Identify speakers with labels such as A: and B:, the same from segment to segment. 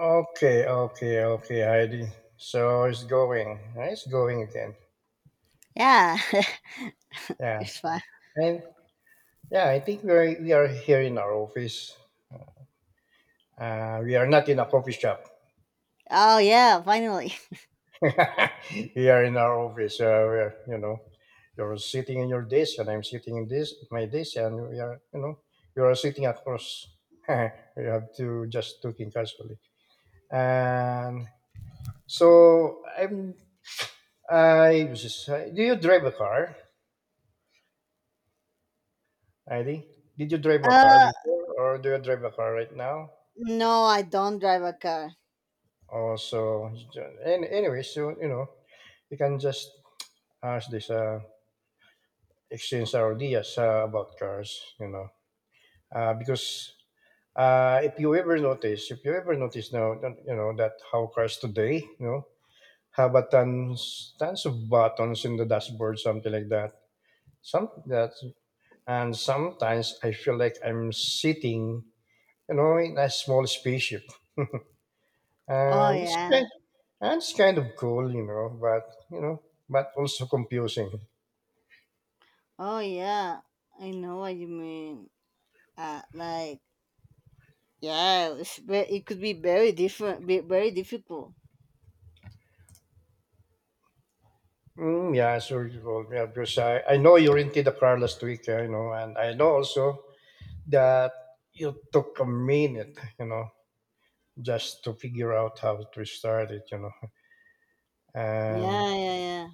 A: Okay, okay, okay, Heidi. So it's going. It's going again.
B: Yeah,
A: Yeah,
B: it's fine.
A: and yeah, I think we are here in our office. We are not in a coffee shop.
B: Oh yeah, finally.
A: We are in our office. We are, you know, You're sitting in your desk, and I'm sitting in this my desk, and we are, you know, you are sitting across. You have to just talking casually. And so I'm. I was just. Do you drive a car, Heidi? Did you drive a car
B: Uh,
A: before, or do you drive a car right now?
B: no, I don't drive a car.
A: Oh, so and anyway, you can just ask this exchange our ideas about cars, because if you ever notice, if you ever notice now, that, you know that how cars today, you know, have a tons of buttons in the dashboard, something like that. Some that and sometimes I feel like I'm sitting, you know, in a small spaceship
B: Oh
A: and it's
B: yeah.
A: kind, and it's kind of cool, you know, but also confusing.
B: Oh yeah. I know what you mean. Like yeah, it's it could be very different, be very difficult.
A: Mm, yeah, sure you will. Yeah, because I know you're into the Carlos tweak, you know, and I know also that you took a minute, you know, just to figure out how to start it, you know, and
B: Yeah, yeah, yeah.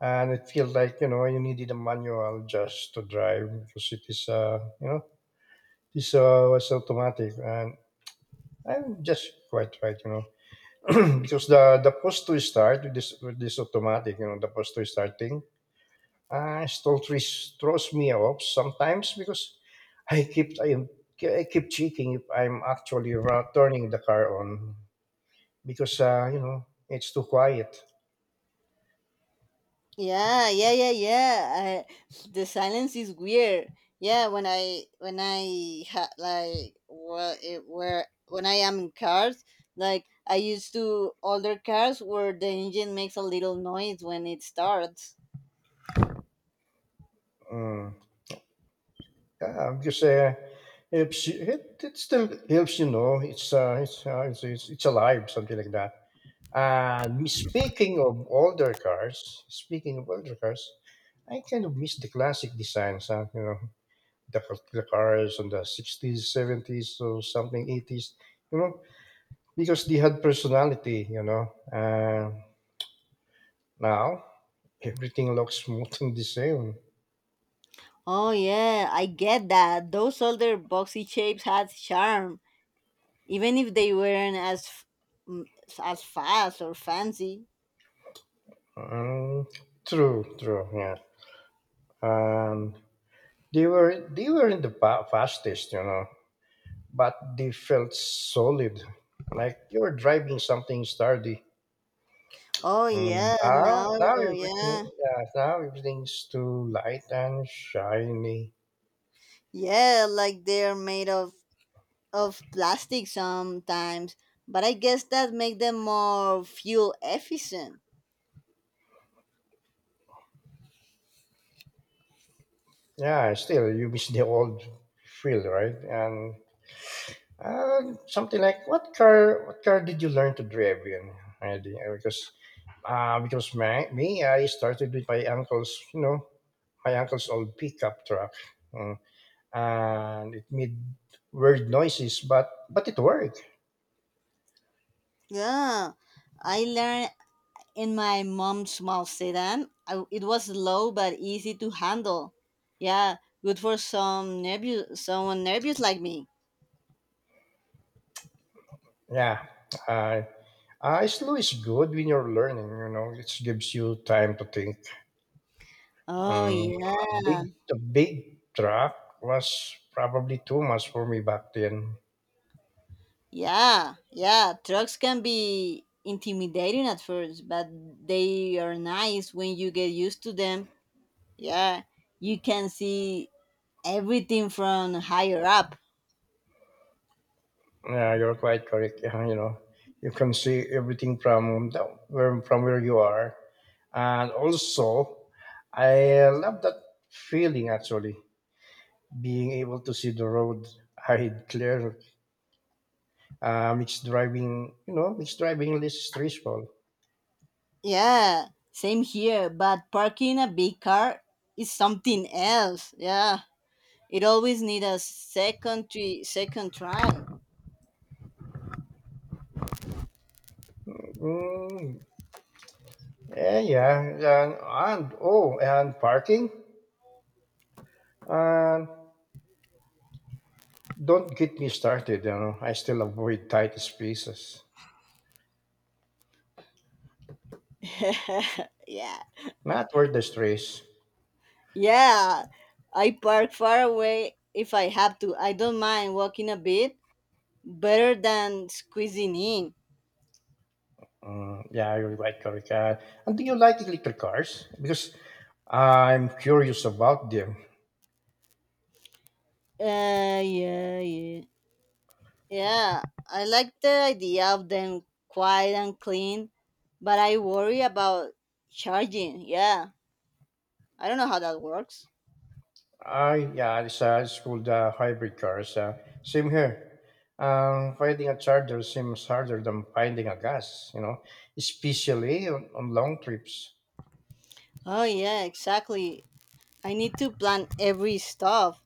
A: and it feels like you know you needed a manual just to drive because it is you know this was automatic and I'm just quite right, you know. Because the post to start with this automatic, you know, the post to start thing, still throws me off sometimes because I keep I am I keep checking if I'm actually turning the car on because you know it's too quiet.
B: Yeah, yeah, yeah, yeah. The silence is weird. Yeah, when I ha, like what it where when I am in cars, like I used to older cars where the engine makes a little noise when it starts.
A: Mm. Yeah, because helps it, it still helps you know it's alive something like that. And speaking of older cars, Speaking of older cars, I kind of miss the classic designs, huh? You know, the cars on the 60's, 70s, or something 80s, you know, because they had personality, you know. Now, everything looks more than the same.
B: Oh yeah, I get that. Those older boxy shapes had charm, even if they weren't as m- as fast or fancy.
A: Mm, true, true, yeah. And they were in the fastest, you know, but they felt solid, like you were driving something sturdy.
B: Oh
A: Mm,
B: yeah,
A: Now,
B: now yeah.
A: yeah, now everything's too light and shiny.
B: Yeah, like they're made of plastic sometimes, but I guess that make them more fuel efficient.
A: Yeah, still you miss the old feel, right? And something like what car? What car did you learn to drive in, Andy? Because, I started with my uncle's, you know, my uncle's old pickup truck. Mm. And it made weird noises, but it worked.
B: Yeah, I learned in my mom's small sedan. It was low but easy to handle. Yeah, good for someone nervous like me.
A: Yeah, uh, Slow is good when you're learning, you know, it gives you time to think.
B: Oh yeah,
A: The big truck was probably too much for me back then.
B: yeah, yeah. Trucks can be intimidating at first, but they are nice when you get used to them. Yeah, you can see everything from higher up.
A: Yeah, you're quite correct. Yeah, you know, you can see everything from where you are. And also, I love that feeling actually, being able to see the road ahead clear. Mixed driving is stressful.
B: Yeah, same here, but parking a big car is something else. Yeah, it always need a second trial.
A: Mm, yeah, yeah, and oh, and parking. And don't get me started. You know, I still avoid tight spaces,
B: yeah,
A: not worth the stress.
B: yeah. I park far away if I have to. I don't mind walking a bit, better than squeezing in.
A: Mm, yeah, you're right, correct. And do you like electric cars? Because I'm curious about them.
B: Yeah, yeah. Yeah, I like the idea of them quiet and clean, but I worry about charging. Yeah, I don't know how that works.
A: It's called hybrid cars. Same here. Finding a charger seems harder than finding a gas. You know, especially on long trips.
B: Oh, yeah, exactly. I need to plan every stuff.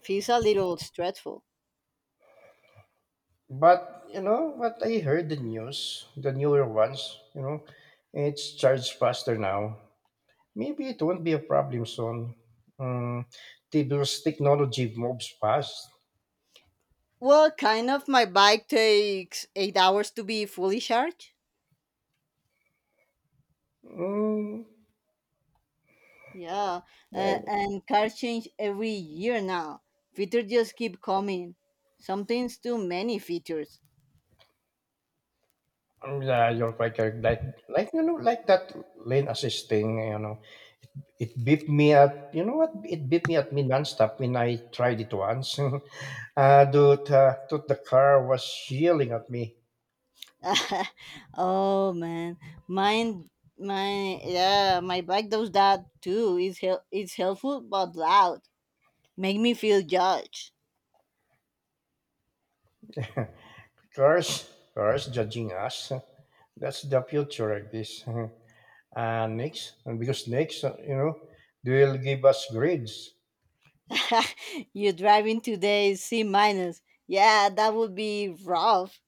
B: Feels a little stressful.
A: But you know what, I heard the news, the newer ones, you know, it's charged faster now. Maybe it won't be a problem soon. Mm, because technology moves fast.
B: Well, kind of. My bike takes 8 hours to be fully charged.
A: Mm,
B: Yeah,
A: yeah,
B: and cars change every year now. Features just keep coming. Sometimes too many features.
A: yeah, you're quite correct. Like you know, like that lane assisting. You know, it beat me at. You know what? It beat me at me nonstop when I tried it once. Dude, the car was yelling at me.
B: oh man, mine, my yeah, my bike does that too. It's it's helpful but loud. Make me feel judged.
A: Cars, Cars judging us. That's the future like this. And next, and because next, You know, they will give us grades.
B: You're driving today C minus. Yeah, that would be rough.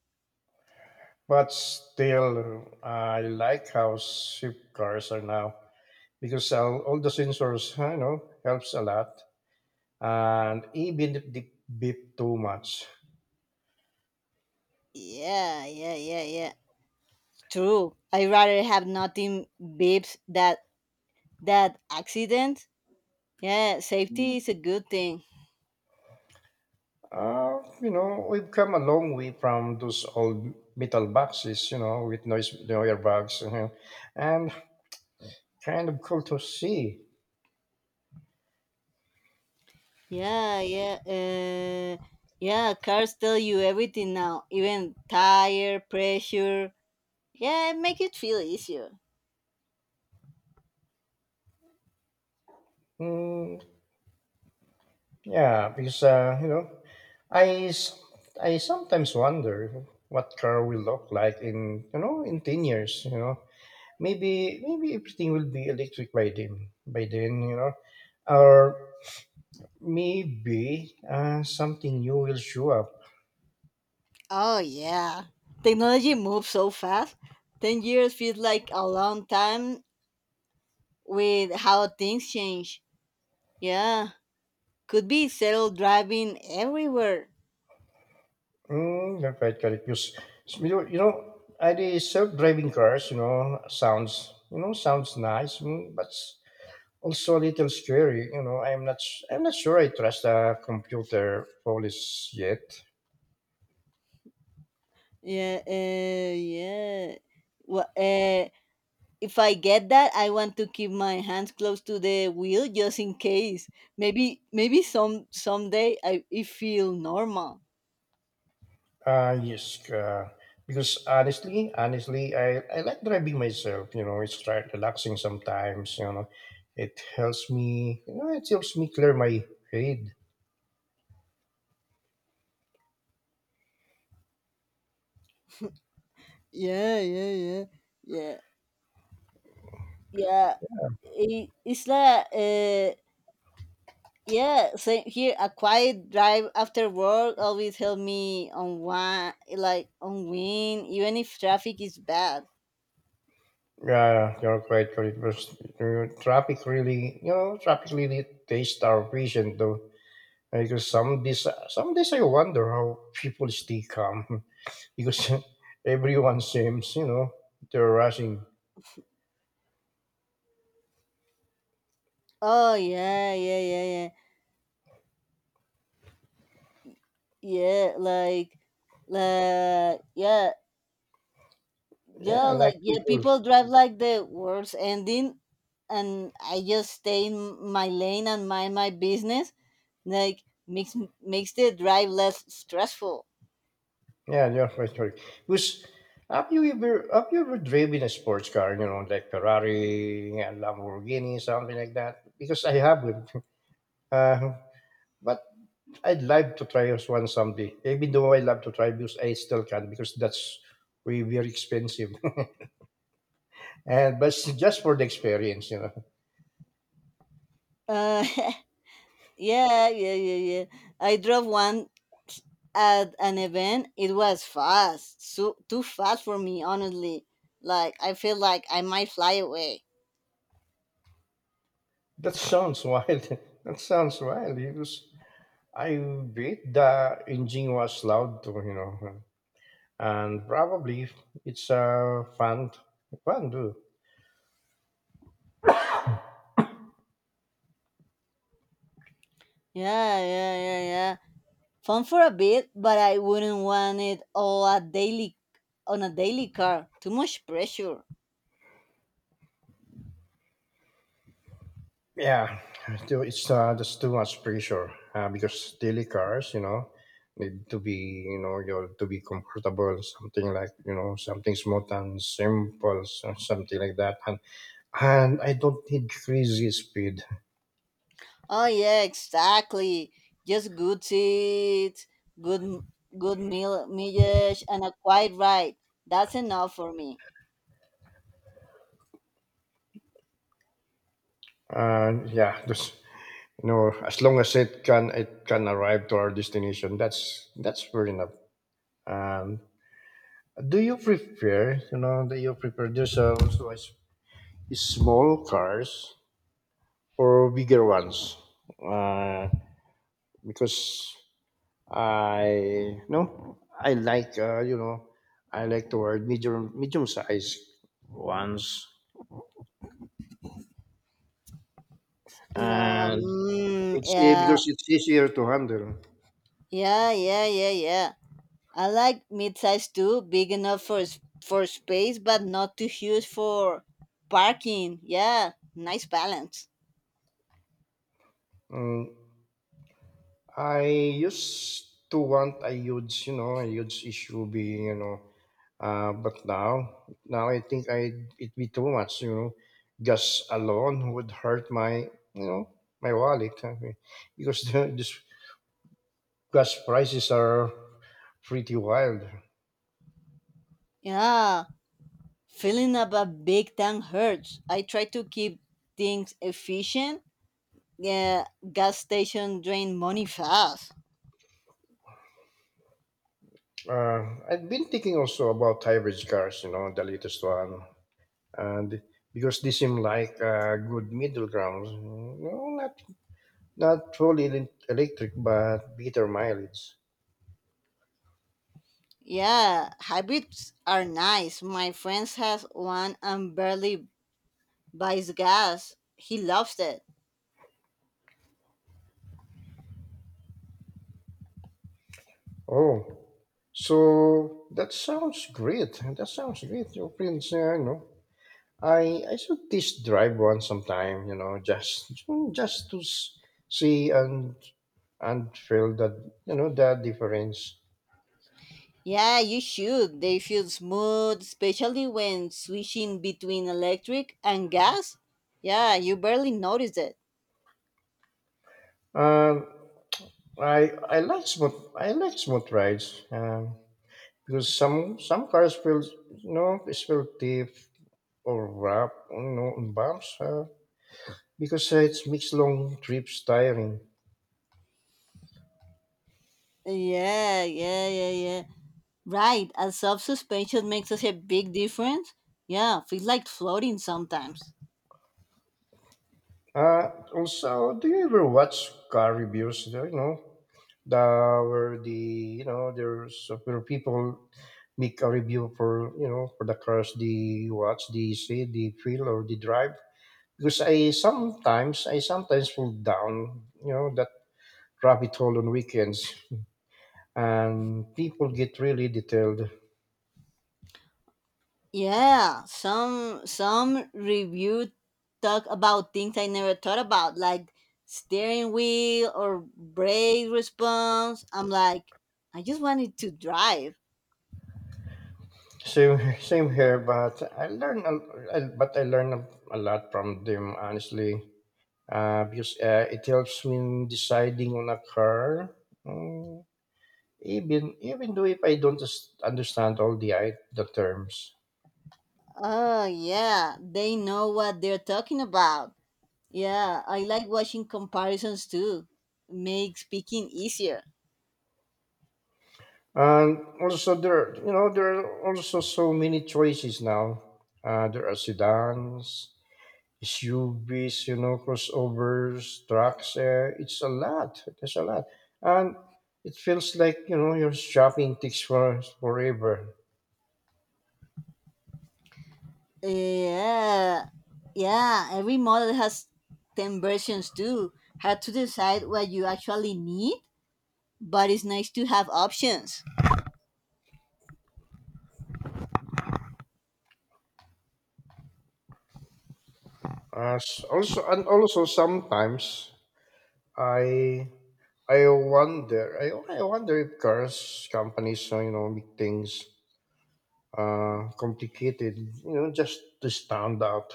A: But still, I like how cheap cars are now because all the sensors, you know, helps a lot. And even if they beep too much,
B: Yeah, yeah, yeah, yeah. True. I'd rather have nothing beeps that accident. Yeah, safety is a good thing.
A: you know, we've come a long way from those old metal boxes, you know, with noise airbags, you know, and kind of cool to see.
B: Yeah, yeah, uh, yeah. Cars tell you everything now, even tire pressure. Yeah, make it feel easier.
A: Mm, yeah, because you know, I s- I sometimes wonder what car will look like in you know in 10 years. You know, maybe maybe everything will be electric by then. By then, you know, or maybe something new will show up.
B: Oh yeah, technology moves so fast. 10 years feels like a long time with how things change. Yeah, could be self driving everywhere.
A: Mm, that's right, correct. Because you know, the self-driving cars, you know sounds nice, mm, but also a little scary. You know, I'm not sure I trust the computer police yet.
B: Yeah, yeah. What if I get that, I want to keep my hands close to the wheel just in case. Maybe someday I it feel normal.
A: Uh yes, uh, because honestly, honestly, I like driving myself. You know, it's quite relaxing sometimes. You know, it helps me. You know, it helps me clear my head.
B: Yeah, yeah, yeah, yeah, yeah. It's like yeah. Same here. A quiet drive after work always help me on one like on win, even if traffic is bad.
A: Yeah, you're quite correct. Traffic really, you know, traffic really tastes our vision though. Because some days I wonder how people stay calm. Because everyone seems, you know, they're rushing.
B: Oh yeah, yeah, yeah, yeah, yeah. Like yeah. Yeah,
A: Yeah, like
B: like yeah,
A: people.
B: people drive like the world's ending, and I just stay in my lane and mind my business. Like makes the drive less stressful.
A: Yeah, they're frustrated. Because have you ever driven a sports car? You know, like Ferrari and Lamborghini, something like that. Because I haven't. Uh, but I'd like to try as one someday. Even though I love to try, because I still can't because that's very very expensive. And but it's just for the experience, you know.
B: Uh, yeah, yeah, yeah, yeah. I drove one at an event. It was fast, so too fast for me, honestly. Like I feel like I might fly away.
A: That sounds wild. That sounds wild. Because I bet the engine was loud too, you know, and probably it's fun too.
B: Yeah, yeah, yeah, yeah. Fun for a bit, but I wouldn't want it all a daily on a daily car. Too much pressure.
A: Yeah, too- it's just too much pressure because daily cars, you know, need to be, you know, you to be comfortable, something like, you know, something smooth and simple, something like that. And I don't need crazy speed.
B: Oh yeah, exactly. Just good seats, good good meal, mileage, and a quiet ride. That's enough for me.
A: And yeah, just you know, as long as it can arrive to our destination, that's fair enough. Um, do you prefer those there's also small cars or bigger ones? Uh, because I no, I like you know, I like the word medium size ones, and
B: Yeah,
A: because it's easier to handle.
B: yeah, yeah, yeah, yeah. I like mid-size too, big enough for for space, but not too huge for parking. Yeah, nice balance.
A: Mm, I used to want a huge, you know, a huge issue being, you know, but now, now I think I it'd be too much, you know, just alone would hurt my, you know, my wallet I mean, because this gas prices are pretty wild.
B: Yeah. Feeling about big time hurts. I try to keep things efficient. Yeah, gas station drain money fast.
A: I've been thinking also about hybrid cars, you know, the latest one, and because they seem like a good middle ground, you know, not truly electric, but better mileage.
B: Yeah, hybrids are nice. My friends has one and barely buys gas. He loves it.
A: Oh, so that sounds great. That sounds great. Your friends, I should test drive one sometime. You know, just to see and feel that you know that difference.
B: Yeah, you should. They feel smooth, especially when switching between electric and gas. Yeah, you barely notice it.
A: Um, I like smooth rides. Because some cars feel you know it's feel stiff or rough, you know, on bumps. Because It makes long trips tiring.
B: Yeah, yeah, yeah, yeah. Right, a soft suspension makes us a big difference. Yeah, feels like floating sometimes.
A: Uh, Also, do you ever watch car reviews? You know, the where the you know there's where people make a review for you know for the cars they watch, they see, they feel, or they drive. Because I sometimes fall down, you know, that rabbit hole on weekends, and people get really detailed.
B: Yeah, some review talk about things I never thought about, like steering wheel or brake response. I'm like, I just wanted to drive.
A: Same same here, but I learned a lot from them honestly, because it helps me in deciding on a car. Mm, even even though if I don't just understand all the terms,
B: Oh yeah, they know what they're talking about. Yeah, I like watching comparisons too. Make speaking easier.
A: and also there you know there are also so many choices now. There are sedans, It's UVs, you know, crossovers, trucks. It's a lot. There's a lot, and it feels like you know your shopping takes for forever.
B: Yeah, yeah. Every model has ten versions too. Hard to decide what you actually need, but it's nice to have options.
A: As also, and also sometimes I I wonder if cars companies you know make things complicated you know just to stand out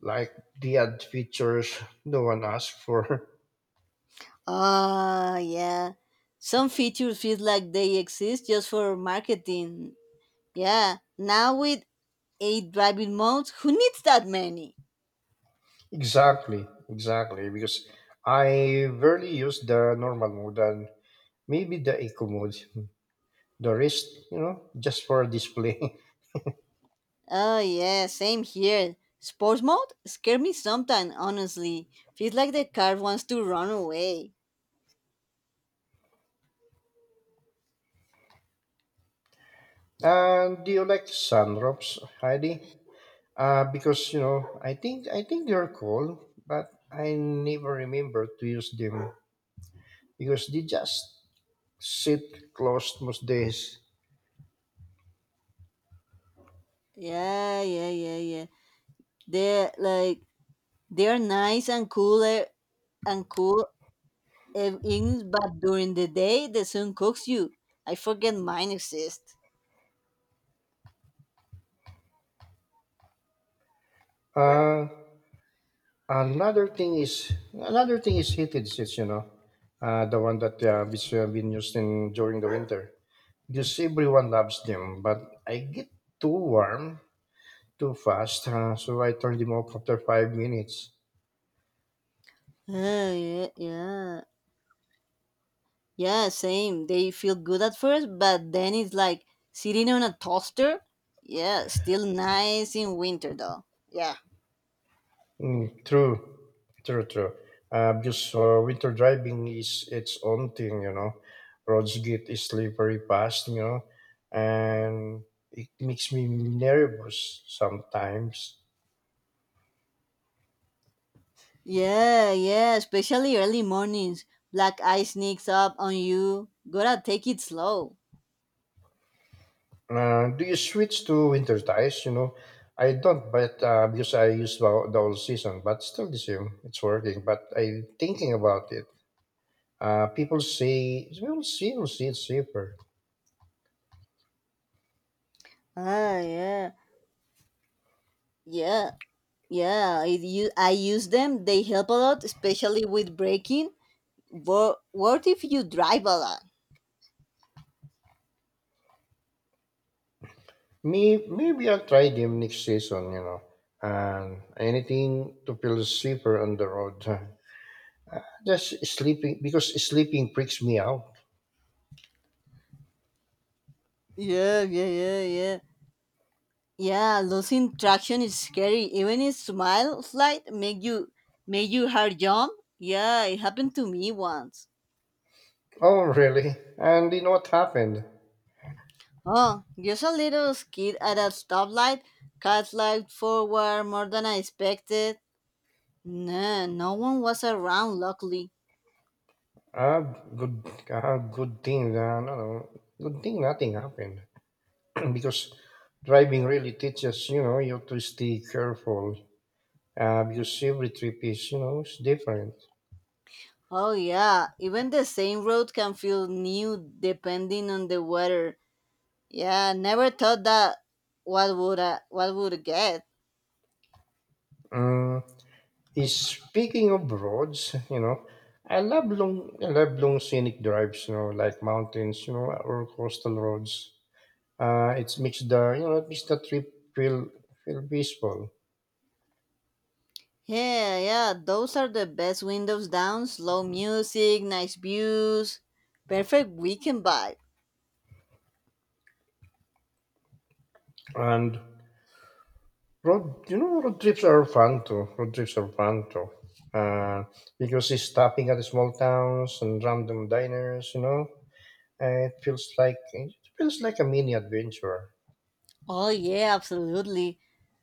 A: like they add features no one asked for.
B: Ah, yeah. Some features feel like they exist just for marketing. Yeah. Now with eight driving modes, who needs that many?
A: Exactly, exactly. Because I rarely use the normal mode and maybe the eco mode, the wrist, you know, just for display.
B: Oh yeah, same here. Sports mode scare me sometimes. Honestly, feels like the car wants to run away.
A: And do you like sunroofs, Heidi? Because you know, I think they're cool, but I never remember to use them because they just sit closed most days.
B: Yeah, yeah, yeah, yeah. The like They're nice and cool and cool evenings, but during the day the sun cooks you. I forget mine exist.
A: Uh, Another thing is heated seats. You know, the one that which have been used in during the winter. Because everyone loves them, but I get too warm too fast, so I turn them off after 5 minutes.
B: Ah, yeah, yeah, yeah. Same. They feel good at first, but then it's like sitting on a toaster. Yeah, still nice in winter though. Yeah.
A: Mm, true, true. Because winter driving is its own thing. You know, roads get slippery fast. You know, and it makes me nervous sometimes.
B: Yeah, yeah, especially early mornings. Black eye sneaks up on you. Gotta take it slow.
A: Do you switch to winter ties? You know, I don't, but because I use the whole season, but still the same. It's working, but I'm thinking about it. People say, we'll see, it's safer.
B: Ah, yeah. Yeah, Yeah, I use them. They help a lot, especially with braking. But what if you drive a lot?
A: Me, maybe I'll try them next season, you know. And anything to feel safer on the road. Just sleeping, because sleeping freaks me out.
B: Yeah, yeah, yeah, yeah. Yeah, losing traction is scary. Even a smile flight make you heart jump. Yeah, it happened to me once.
A: Oh, really? And you know what happened?
B: Oh, just a little skid at a stoplight. Car slid forward more than I expected. Nah, no one was around, luckily.
A: Ah, Good thing. No, Good thing nothing happened. Because driving really teaches you know you to stay careful, because every trip is you know is different.
B: Oh yeah, even the same road can feel new depending on the weather. Yeah, never thought that what would get.
A: Mm, is speaking of roads, you know, I love long scenic drives, you know, like mountains, you know, or coastal roads. It makes the you know it makes the trip feel peaceful.
B: Yeah, yeah, those are the best windows down. Slow music, nice views, perfect weekend vibe.
A: And road you know road trips are fun too. Uh, because it's stopping at small towns and random diners, you know, and it feels like a mini adventure.
B: Oh yeah, absolutely.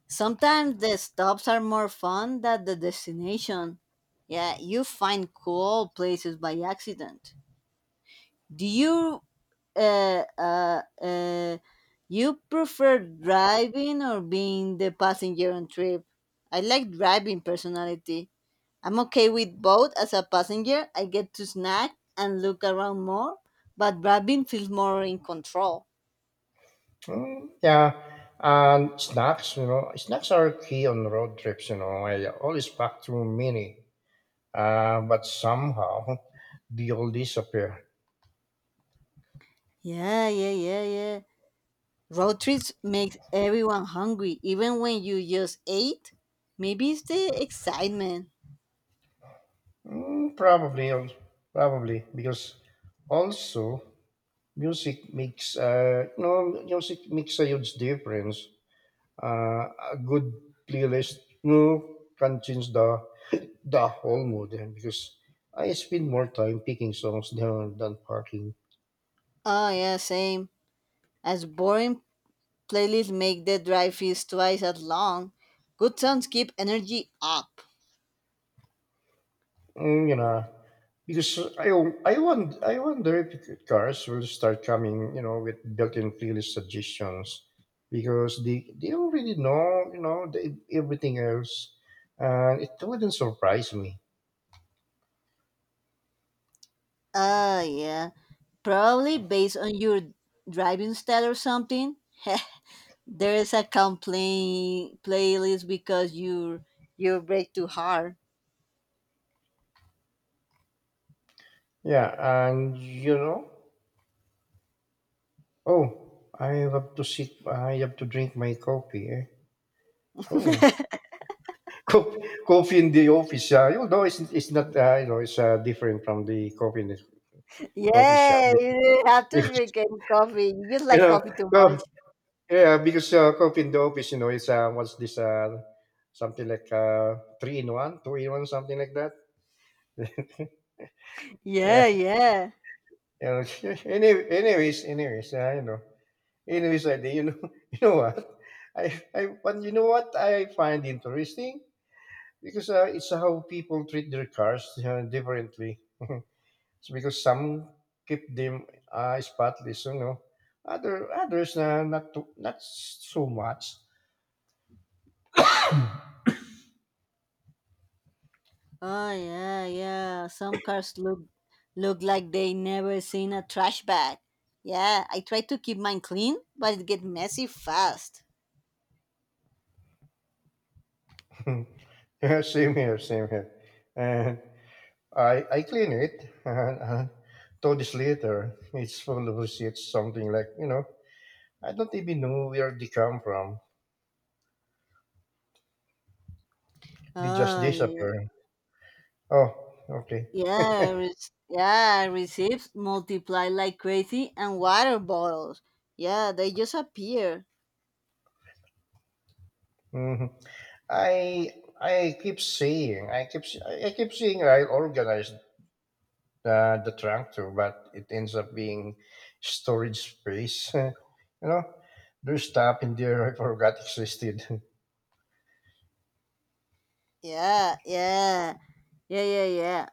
B: Sometimes the stops are more fun than the destination. Yeah, you find cool places by accident. Do uh, uh, uh, you prefer driving or being the passenger on trip? I like driving personality. I'm okay with both as a passenger. I get to snack and look around more, but driving feels more in control.
A: Mm, yeah, and snacks, you know, snacks are key on road trips. You know, I always pack too many, but somehow they all disappear.
B: Yeah, yeah, yeah, yeah. Road trips makes everyone hungry, even when you just ate. Maybe it's the excitement.
A: Mm, probably, al- Probably because also music makes music makes a huge difference. A good playlist, you know, can change the whole mood, and because I spend more time picking songs than parking.
B: Oh yeah, same. As boring Playlists make the drive feels twice as long. Good songs keep energy up.
A: Mm, you know, because I wonder if cars will start coming, you know, with built-in playlist suggestions, because they already know, you know, the, everything else, and it wouldn't surprise me.
B: Ah, yeah. Probably based on your driving style or something. there is a complaint playlist because you break too hard.
A: Yeah, and you know, oh, I have to drink my coffee. Eh? Oh, Co- Coffee in the office, you know, it's not, you know, it's different from the coffee in the coffee shop
B: yeah,
A: because,
B: you didn't have to drink any coffee. You just
A: you
B: like
A: know,
B: coffee too
A: co-
B: much.
A: yeah, because coffee in the office, you know, it's something like three in one, two in one, something like that. Yeah,
B: Yeah, yeah.
A: you know, anyway, anyways, anyways, you know, anyways, I, you know, you know what, but you know what I find interesting, because it's how people treat their cars differently. It's because some keep them spotless, you know. Other others na not to, Not so much.
B: Oh yeah, yeah. Some cars look like they never seen a trash bag. Yeah, I try to keep mine clean, but it get messy fast.
A: Yeah, same here, same here. And I clean it, and 2 days later it's full of receipts, something like you know. I don't even know where they come from. They just
B: Oh yeah,
A: disappear. Oh, okay.
B: yeah, re- yeah. Receipts multiply like crazy, and water bottles. Yeah, they just appear.
A: hmm I I keep saying I keep saying I organize the tractor, but it ends up being storage space. You know, there's stuff in there I forgot existed.
B: Yeah, yeah, yeah, yeah, yeah.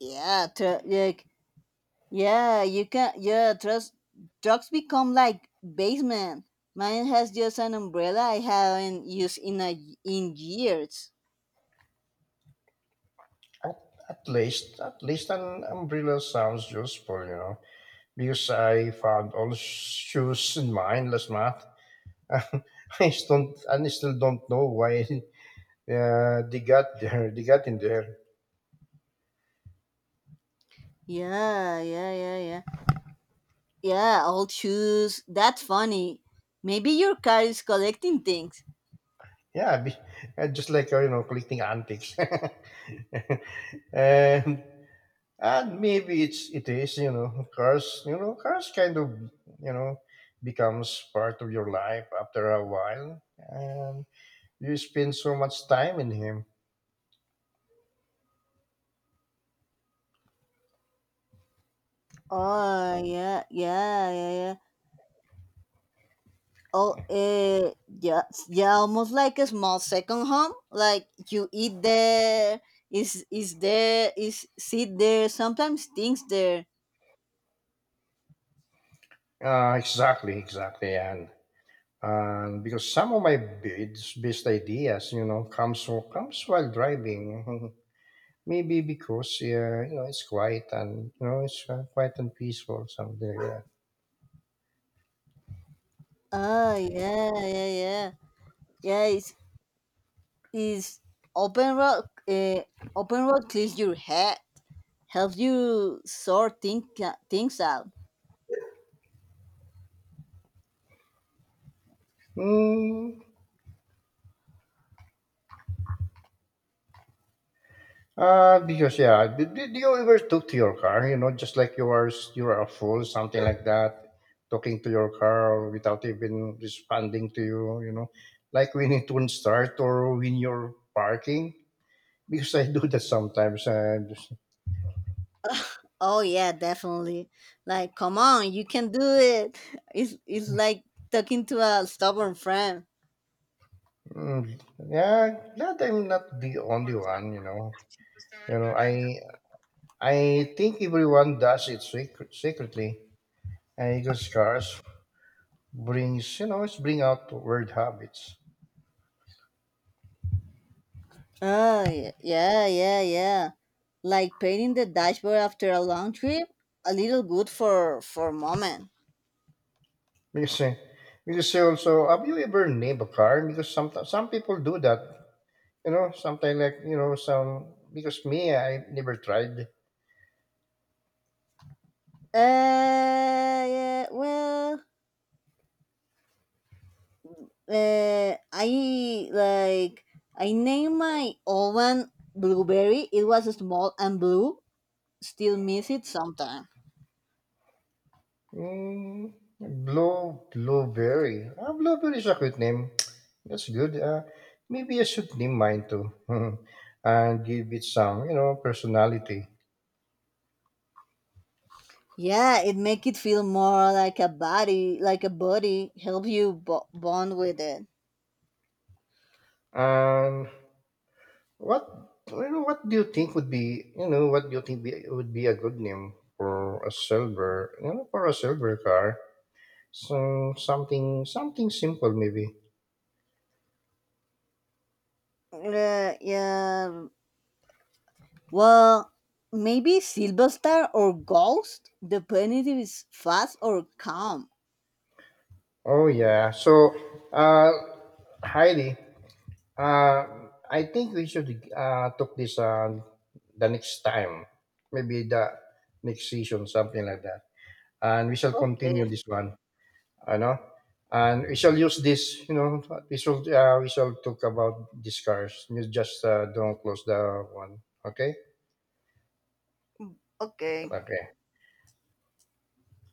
B: Yeah. Yeah, you can. Yeah, trust drugs become like basement. Mine has just an umbrella I haven't used in years.
A: at, at least an umbrella sounds useful, you know, because I found all shoes in mine last month. I still don't know why they got there. They got in there.
B: Yeah, yeah, yeah, yeah. Yeah, old shoes. That's funny. Maybe your car is collecting things.
A: Yeah, just like collecting antiques. and and maybe it's it is you know cars kind of you know becomes part of your life after a while, and you spend so much time in him.
B: Oh yeah, yeah, yeah, yeah. Oh, yeah, yeah. Almost like a small second home. Like you eat there, is sit there. Sometimes things there.
A: Exactly, exactly. And because some of my best ideas you know comes while driving. Maybe because yeah you know it's quiet and peaceful, something like that.
B: Ah, yeah, yeah, yeah, yeah. It's open road. Open road clears your head, helps you things out.
A: Mm, because yeah, do you ever talk to your car? You know, just like you are a fool, something like that, talking to your car without even responding to you. You know, like when it won't start or when you're parking. Because I do that sometimes, and
B: Oh yeah, definitely. Like, come on, you can do it. It's like talking to a stubborn friend.
A: mm, yeah, glad I'm not the only one. You know, I think everyone does it secretly, and because cars brings you know, it's bring out weird habits.
B: Oh yeah, yeah, yeah, yeah. Like painting the dashboard after a long trip. A little good for a moment.
A: Because uh, because you also, have you ever named a car? Because some people do that. You know, sometimes like you know some, because me, I never tried.
B: Uh, yeah. Well. uh, I like I named my oven blueberry. It was small and blue. Still miss it sometime.
A: Blueberry. Ah, blueberry is a good name. That's good. Maybe I should name mine too, and give it some you know personality.
B: Yeah, it make it feel more like a body, like a body. Help you bond with it.
A: And what, you know, what do you think would be a good name for a silver you know for a silver car? So something simple maybe.
B: Yeah. Well, maybe Silver Star or Ghost. The penalty is fast or calm.
A: Oh yeah. So uh Heidi, uh I think we should took this the next time. Maybe the next season, something like that. And we shall
B: Okay.
A: continue this one. I know. And we shall use this, you know, we shall talk about these cars. You just don't close the one. Okay?
B: Okay.
A: Okay.